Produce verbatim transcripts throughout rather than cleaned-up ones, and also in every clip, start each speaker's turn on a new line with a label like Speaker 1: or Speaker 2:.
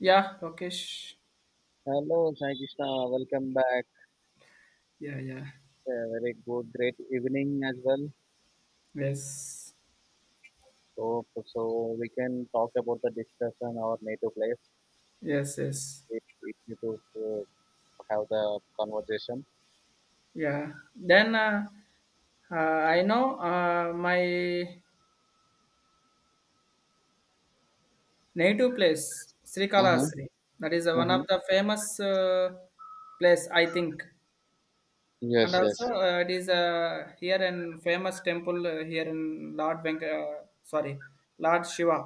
Speaker 1: Yeah, Rakesh.
Speaker 2: Hello, Sai Krishna. Welcome back.
Speaker 1: Yeah, yeah.
Speaker 2: A very good, great evening as well.
Speaker 1: Yes,
Speaker 2: So, so we can talk about the discussion our native place.
Speaker 1: yes, yes.
Speaker 2: If if you could uh, have the conversation.
Speaker 1: Yeah. Then uh, uh, I know uh, my native place,
Speaker 2: Uh-huh.
Speaker 1: Srikalahastri. That is uh, one of
Speaker 2: Uh-huh.
Speaker 1: the famous uh, place, I think. And
Speaker 2: Yes, yes.
Speaker 1: also, uh, it is uh, here in famous temple uh, here in Lord Venk, uh, sorry, Lord Shiva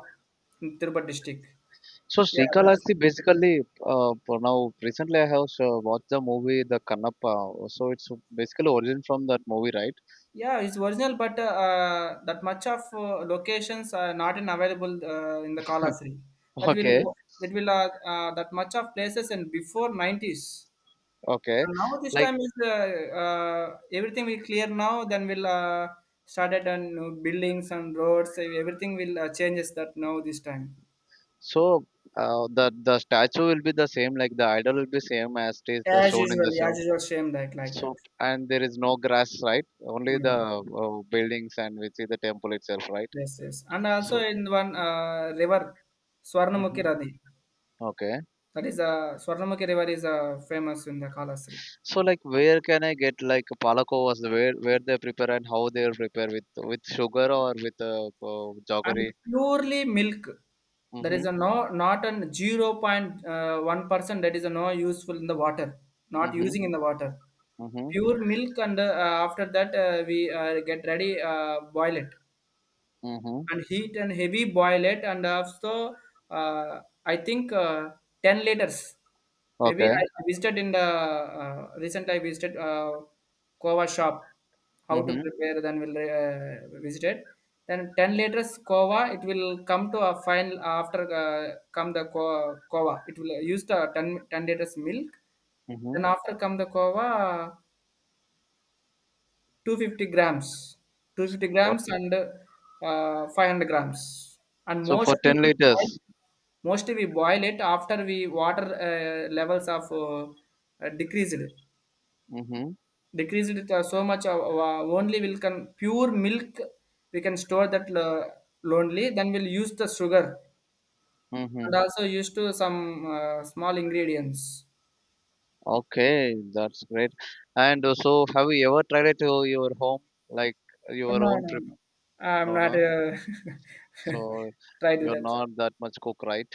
Speaker 1: in Tirupati district.
Speaker 2: So
Speaker 1: Yeah, that
Speaker 2: Srikalasthi
Speaker 1: is.
Speaker 2: basically uh, for now recently I have uh, watched the movie The Kannappa. So it's basically origin from that movie, right?
Speaker 1: Yeah, it's original, but uh, uh, that much of uh, locations are not in available uh, in the Kalasri. That
Speaker 2: Okay,
Speaker 1: will that will uh, uh, that much of places and before nineties.
Speaker 2: okay.
Speaker 1: And now this
Speaker 2: Like
Speaker 1: time is uh, uh, everything will clear now. Then we'll uh, started on you buildings and roads. eh, Everything will uh, changes that now this time.
Speaker 2: so uh, the the statue will be the same, like the idol will be same as it is the
Speaker 1: As
Speaker 2: shown in
Speaker 1: usual,
Speaker 2: the
Speaker 1: as
Speaker 2: show.
Speaker 1: usual, same like like that.
Speaker 2: So and there is no grass, right? Only the
Speaker 1: Mm.
Speaker 2: uh, buildings and we see the temple itself, right?
Speaker 1: Yes, yes, and also
Speaker 2: So
Speaker 1: in one uh, river, Swarnamukhi
Speaker 2: mhm,
Speaker 1: Radi.
Speaker 2: okay.
Speaker 1: That is a Swarnamukhi river is uh, famous in the Kalahastri.
Speaker 2: So like where can I get like palakovas? Where where they prepare and how they are prepare with with sugar or with uh, uh, jaggery?
Speaker 1: And purely milk. There is
Speaker 2: Mm-hmm.
Speaker 1: a no not an zero point uh, zero point one percent that is a no useful in the water, not
Speaker 2: Mm-hmm.
Speaker 1: using in the water.
Speaker 2: Mm-hmm.
Speaker 1: Pure milk and uh, after that uh, we uh, get ready uh, boil it.
Speaker 2: Mm-hmm.
Speaker 1: And heat and heavy boil it and also uh, I think uh, ten liters, maybe
Speaker 2: Okay.
Speaker 1: I visited in the uh, recent, I visited uh, kova shop, how to
Speaker 2: Mm-hmm.
Speaker 1: prepare. Then we'll uh, visit it, then ten liters kova it will come to a final after uh, come the ko- kova. It will use the ten ten liters milk,
Speaker 2: Mm-hmm.
Speaker 1: then after come the kova, two hundred fifty grams, two hundred fifty
Speaker 2: What?
Speaker 1: grams, and uh, five hundred grams, and
Speaker 2: So for
Speaker 1: mostly
Speaker 2: ten
Speaker 1: we boil
Speaker 2: liters.
Speaker 1: it. Mostly we boil it after we water uh, levels of uh, uh, decreased
Speaker 2: Mm-hmm.
Speaker 1: decreased it, uh, so much, uh, uh, only will can pure milk we can store that uh, lonely. Then we'll use the sugar and
Speaker 2: Mm-hmm.
Speaker 1: also used to some uh, small ingredients.
Speaker 2: Okay, that's great. And uh, so have you ever tried it to your home, like
Speaker 1: No,
Speaker 2: your own
Speaker 1: no,
Speaker 2: trip?
Speaker 1: no, i'm
Speaker 2: No,
Speaker 1: not
Speaker 2: no.
Speaker 1: uh,
Speaker 2: So
Speaker 1: try do
Speaker 2: you're
Speaker 1: that.
Speaker 2: not that much cook, right?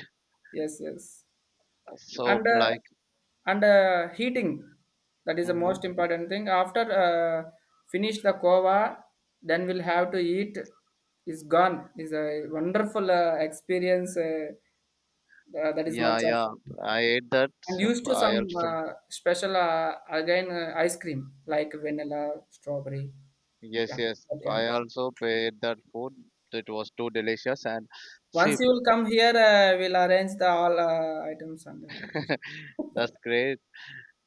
Speaker 1: Yes, yes,
Speaker 2: So
Speaker 1: and uh,
Speaker 2: like,
Speaker 1: and uh, heating, that is the
Speaker 2: hmm
Speaker 1: most important thing after uh, finish the kova. Then we'll have to eat, is gone, is a wonderful uh, experience, uh, uh, that is much
Speaker 2: yeah,
Speaker 1: of.
Speaker 2: yeah. I ate that.
Speaker 1: And
Speaker 2: So
Speaker 1: used to
Speaker 2: I
Speaker 1: some
Speaker 2: also
Speaker 1: uh, special, uh, again uh, ice cream, like vanilla, strawberry.
Speaker 2: yes,
Speaker 1: Yeah,
Speaker 2: yes.
Speaker 1: that kind
Speaker 2: I
Speaker 1: of.
Speaker 2: also paid that food. It was too delicious and see,
Speaker 1: Once you will come here, uh, we'll arrange the all uh, items, and uh,
Speaker 2: that's great.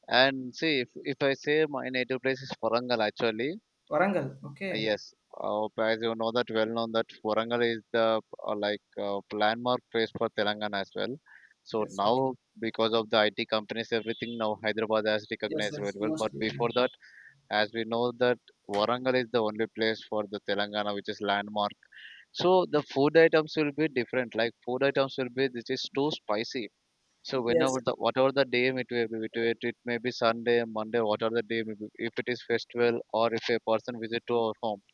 Speaker 2: And see, if, if I say my native place is Warangal actually.
Speaker 1: Warangal,
Speaker 2: Uh,
Speaker 1: okay.
Speaker 2: Yes, uh, as you know that well known that Warangal is the uh, like uh, landmark place for Telangana as well. So
Speaker 1: Yes, okay.
Speaker 2: now because of the I T companies, everything now Hyderabad has
Speaker 1: Yes,
Speaker 2: recognized
Speaker 1: yes,
Speaker 2: very well. But
Speaker 1: mostly. Yeah.
Speaker 2: before that, as we know that Warangal is the only place for the Telangana which is landmark. So the food items will be different. Like food items will be this is too spicy. So
Speaker 1: Yes.
Speaker 2: whenever the whatever the day it may be, it, it it may be Sunday, Monday, whatever the day may be, if it is festival or if a person visit to our home,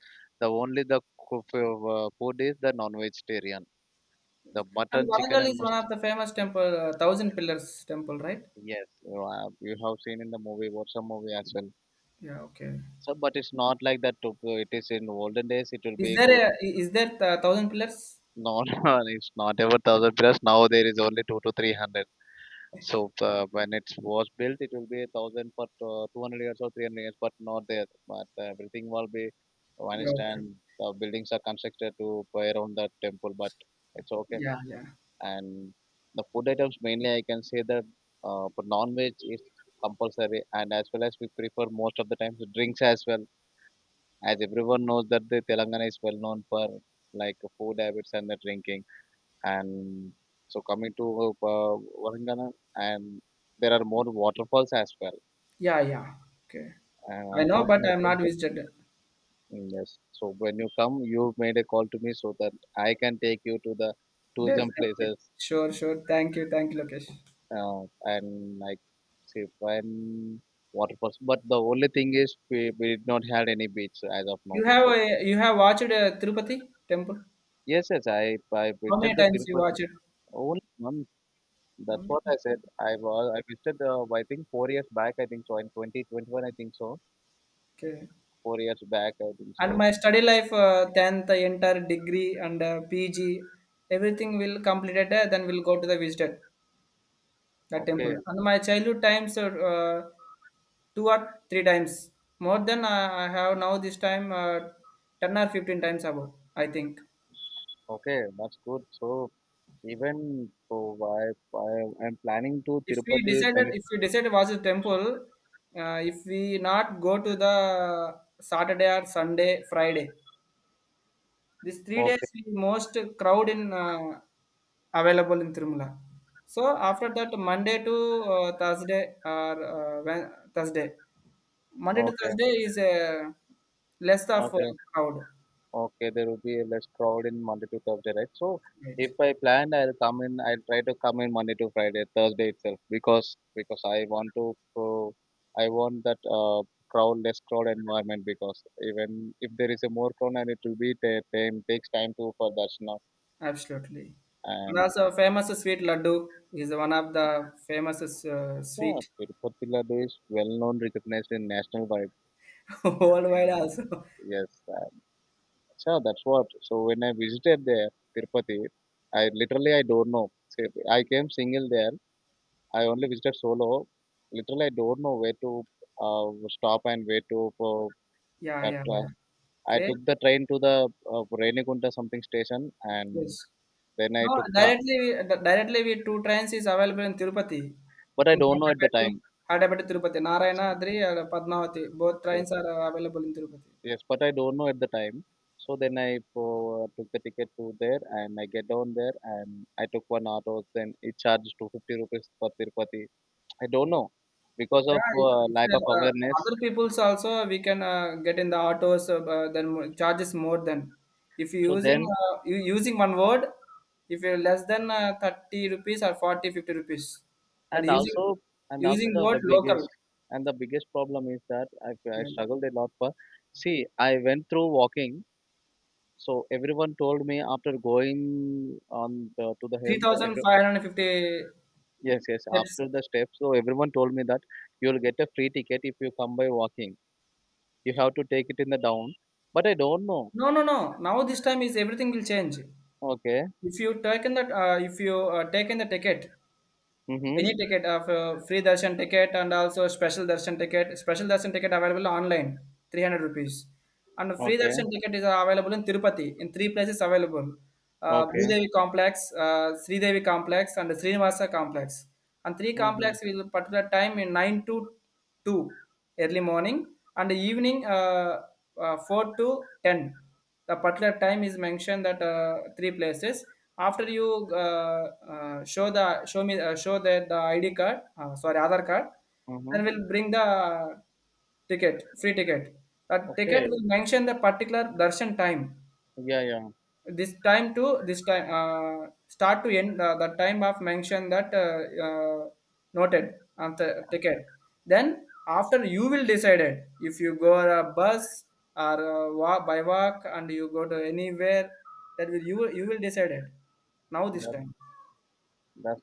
Speaker 2: the only the coo- uh, food is the non-vegetarian. The
Speaker 1: And
Speaker 2: mutton, chicken,
Speaker 1: Warangal
Speaker 2: and
Speaker 1: is one of
Speaker 2: must
Speaker 1: the famous temple, uh, Thousand Pillars temple, right?
Speaker 2: yes, you have you have seen in the movie, what's a movie as well.
Speaker 1: Yeah, okay.
Speaker 2: So, but it's not like that. to- uh, It is in olden days. It will
Speaker 1: Is
Speaker 2: be
Speaker 1: there
Speaker 2: good.
Speaker 1: a, i- is there the Thousand Pillars?
Speaker 2: No, no, it's not ever thousand plus. Now there is only two to three hundred. So uh, when it was built, it will be a thousand for uh, two hundred years or three hundred years, but not there. But uh, everything will be
Speaker 1: Yeah,
Speaker 2: vanished,
Speaker 1: okay.
Speaker 2: and the buildings are constructed to buy around the temple. But it's okay.
Speaker 1: Yeah, yeah.
Speaker 2: And the food items mainly, I can say that uh, for non-veg is compulsory, and as well as we prefer most of the times drinks as well. As everyone knows that the Telangana is well known for like food habits and the drinking and so coming to uh, uh, Varangana, and there are more waterfalls as well.
Speaker 1: Yeah, yeah. Okay.
Speaker 2: And
Speaker 1: I know, but I'm not
Speaker 2: unfortunately,
Speaker 1: visited.
Speaker 2: mm, yes. So when you come, you made a call to me so that I can take you to the tourism
Speaker 1: Definitely.
Speaker 2: places
Speaker 1: Sure, sure. Thank you. Thank you, Lokesh.
Speaker 2: uh, and like see when waterfalls. But the only thing is we, we did not had any beach as of now.
Speaker 1: You have
Speaker 2: So
Speaker 1: a, you have watched uh, Tirupati temple?
Speaker 2: yes, yes, I I
Speaker 1: How
Speaker 2: visited
Speaker 1: many
Speaker 2: the
Speaker 1: times you
Speaker 2: Tirupati
Speaker 1: watch it?
Speaker 2: only month. That's what I said. I was I visited uh, I think four years back. I think so in twenty twenty-one. I think so
Speaker 1: Okay.
Speaker 2: four years back, I think
Speaker 1: And
Speaker 2: so.
Speaker 1: my study life, uh, tenth, entire degree and uh, P G, everything will completed, uh, then we'll go to the visited. The
Speaker 2: Okay,
Speaker 1: temple. And my childhood times are uh, two or three times, more than I, I have now. This time, uh, ten or fifteen times above. I think.
Speaker 2: okay, that's good. So even so, I, I I'm planning to
Speaker 1: If we
Speaker 2: Tirupati. When
Speaker 1: decided,
Speaker 2: it,
Speaker 1: if we decided was a temple, uh, if we not go to the Saturday or Sunday, Friday, these three days
Speaker 2: okay,
Speaker 1: we most crowd in uh, available in Tirumala. So after that, Monday to uh, Thursday or uh, Wed- Thursday. Monday to
Speaker 2: okay,
Speaker 1: Thursday is uh, less of a
Speaker 2: okay,
Speaker 1: crowd.
Speaker 2: okay. There will be less crowd in Monday to Thursday, right? So
Speaker 1: Right.
Speaker 2: if I plan, I'll come in. I'll try to come in Monday to Friday, Thursday itself, because because I want to. Uh, I want that uh, crowd less crowd environment because even if there is a more crowd and it will be ta- time takes time to for Darshana
Speaker 1: Absolutely. And
Speaker 2: and
Speaker 1: also famous sweet laddu is one of the famous uh,
Speaker 2: yeah,
Speaker 1: sweet
Speaker 2: Tirupati Laddu is well known, recognized in national wide.
Speaker 1: worldwide
Speaker 2: Mm,
Speaker 1: also.
Speaker 2: yes, uh, so that's what. So when I visited there, Tirupati, I literally I don't know. So I came single there. I only visited solo. Literally, I don't know where to uh, stop and where to. Uh,
Speaker 1: Yeah,
Speaker 2: at,
Speaker 1: yeah,
Speaker 2: uh,
Speaker 1: yeah.
Speaker 2: I
Speaker 1: Okay.
Speaker 2: took the train to the uh, Renigunta something station,
Speaker 1: Yes.
Speaker 2: and then I
Speaker 1: No,
Speaker 2: took the.
Speaker 1: directly di- directly we two trains is available in Tirupati.
Speaker 2: But I
Speaker 1: In
Speaker 2: don't know at the
Speaker 1: Hyderabad to
Speaker 2: time.
Speaker 1: Hyderabad to Tirupati. Narayana, Adri, and Padmavati. Both trains are available in Tirupati.
Speaker 2: Yes, but I don't know at the time. So then I uh, took the ticket to there and I get down there and I took one auto. Then it charged two hundred fifty rupees for Tirupati. I don't know because of
Speaker 1: Yeah,
Speaker 2: uh,
Speaker 1: it's,
Speaker 2: lack of
Speaker 1: uh, uh,
Speaker 2: awareness.
Speaker 1: other people's also uh, we can uh, get in the autos, uh, bu- then mo- charges more than if you
Speaker 2: So
Speaker 1: using,
Speaker 2: then
Speaker 1: uh, you using one word, if you're less than uh, thirty rupees or forty, fifty rupees, and
Speaker 2: and
Speaker 1: using
Speaker 2: also and also
Speaker 1: using
Speaker 2: the,
Speaker 1: word
Speaker 2: the
Speaker 1: local.
Speaker 2: biggest and the biggest problem is that I, I
Speaker 1: Yeah.
Speaker 2: struggled a lot for. See, I went through walking. So everyone told me after going on the, to the hill, the,
Speaker 1: three thousand five hundred fifty
Speaker 2: yes, yes.
Speaker 1: steps.
Speaker 2: After the steps, so everyone told me that you'll get a free ticket if you come by walking. You have to take it in the down. But I don't know.
Speaker 1: No, no, no, now this time is everything will change.
Speaker 2: Okay.
Speaker 1: If you taken that uh, if you uh, taken the ticket,
Speaker 2: Mm-hmm.
Speaker 1: any ticket of uh, free darshan ticket, and also special darshan ticket special darshan ticket available online, three hundred rupees. And free
Speaker 2: Okay.
Speaker 1: darshan ticket is available in Tirupati in three places available: uh,
Speaker 2: Okay.
Speaker 1: Bhudevi complex, uh, Sri Devi complex, and Srinivasa complex. And three
Speaker 2: Mm-hmm.
Speaker 1: complex will particular time in nine to two early morning, and evening uh, uh, four to ten. The particular time is mentioned that, uh, three places, after you uh, uh, show the show me uh, show the, the id card, uh, sorry, other card.
Speaker 2: Mm-hmm.
Speaker 1: Then we'll bring the ticket, free ticket. That ticket
Speaker 2: Okay.
Speaker 1: will mention the particular darshan time,
Speaker 2: Yeah, yeah.
Speaker 1: this time to this time, uh, start to end. Uh, the time of mention that, uh, uh, noted on the ticket. Then after, you will decide it, if you go on a bus or uh, walk, by walk, and you go to anywhere, that will you will you will decide it now this
Speaker 2: That's
Speaker 1: time.
Speaker 2: that's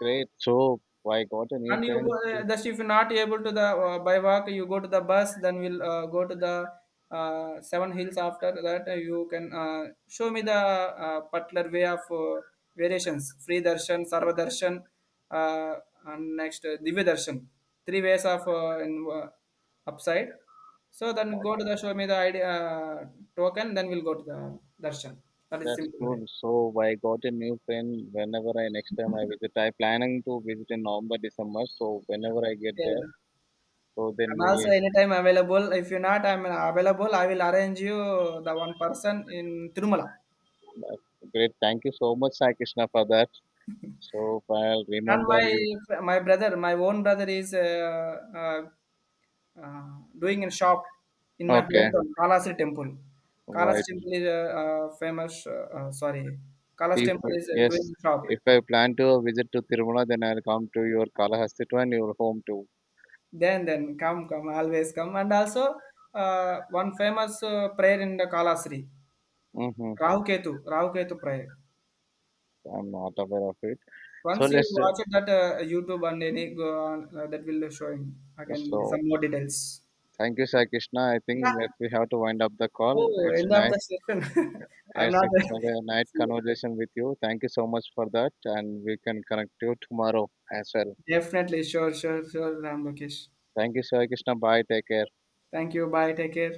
Speaker 2: great. So I got a new
Speaker 1: And you go,
Speaker 2: friend
Speaker 1: uh,
Speaker 2: too.
Speaker 1: just if you're not able to the uh, by walk, you go to the bus. Then we'll uh, go to the uh, seven hills. After that, uh, you can uh, show me the uh, particular way of uh, variations: free darshan, sarva darshan, uh, and next uh, divya darshan. Three ways of uh, in uh, upside. So then go to
Speaker 2: Okay.
Speaker 1: the show me the idea, uh, token. Then we'll go to the darshan. That is
Speaker 2: That's
Speaker 1: simple way.
Speaker 2: cool. So I got a new friend whenever I next time I visit. I planning to visit in November, December. So whenever I get there,
Speaker 1: Yeah.
Speaker 2: so then
Speaker 1: I'm also
Speaker 2: we
Speaker 1: anytime available. If you're not, I'm available. I will arrange you the one person in Tirumala.
Speaker 2: uh, great. Thank you so much, Sai Krishna, for that. So I'll
Speaker 1: And
Speaker 2: remember
Speaker 1: my
Speaker 2: you.
Speaker 1: my brother, my own brother is uh, uh, uh, doing a shop in my
Speaker 2: Okay,
Speaker 1: hometown, Kalasi Temple. Kalasi
Speaker 2: right.
Speaker 1: Temple is uh, uh, famous. Uh, uh, sorry, Kalasi
Speaker 2: If
Speaker 1: Temple is uh,
Speaker 2: yes,
Speaker 1: doing shop.
Speaker 2: if I plan to visit to Tirumala, then I'll come to your Kalahasti too and your home too.
Speaker 1: Then then come come always come. And also uh, one famous uh, prayer in the Kalasri,
Speaker 2: Mm-hmm.
Speaker 1: Rahu Ketu, Rahu Ketu prayer.
Speaker 2: I'm not aware of it. So
Speaker 1: Once you
Speaker 2: let's. Uh,
Speaker 1: watch it, that uh, YouTube and any go on, uh, that will showing again some
Speaker 2: so
Speaker 1: more details.
Speaker 2: thank you, Sai Krishna. I
Speaker 1: Yeah.
Speaker 2: think that we have to wind up the call.
Speaker 1: Oh,
Speaker 2: It's
Speaker 1: end of the
Speaker 2: nice
Speaker 1: session. I'm
Speaker 2: as
Speaker 1: not.
Speaker 2: it's a night conversation with you. Thank you so much for that, and we can connect you tomorrow as well.
Speaker 1: Definitely. Sure, sure, sure, Ram Lokesh.
Speaker 2: Thank you, Sai Krishna. Bye. Take care.
Speaker 1: Thank you. Bye. Take care.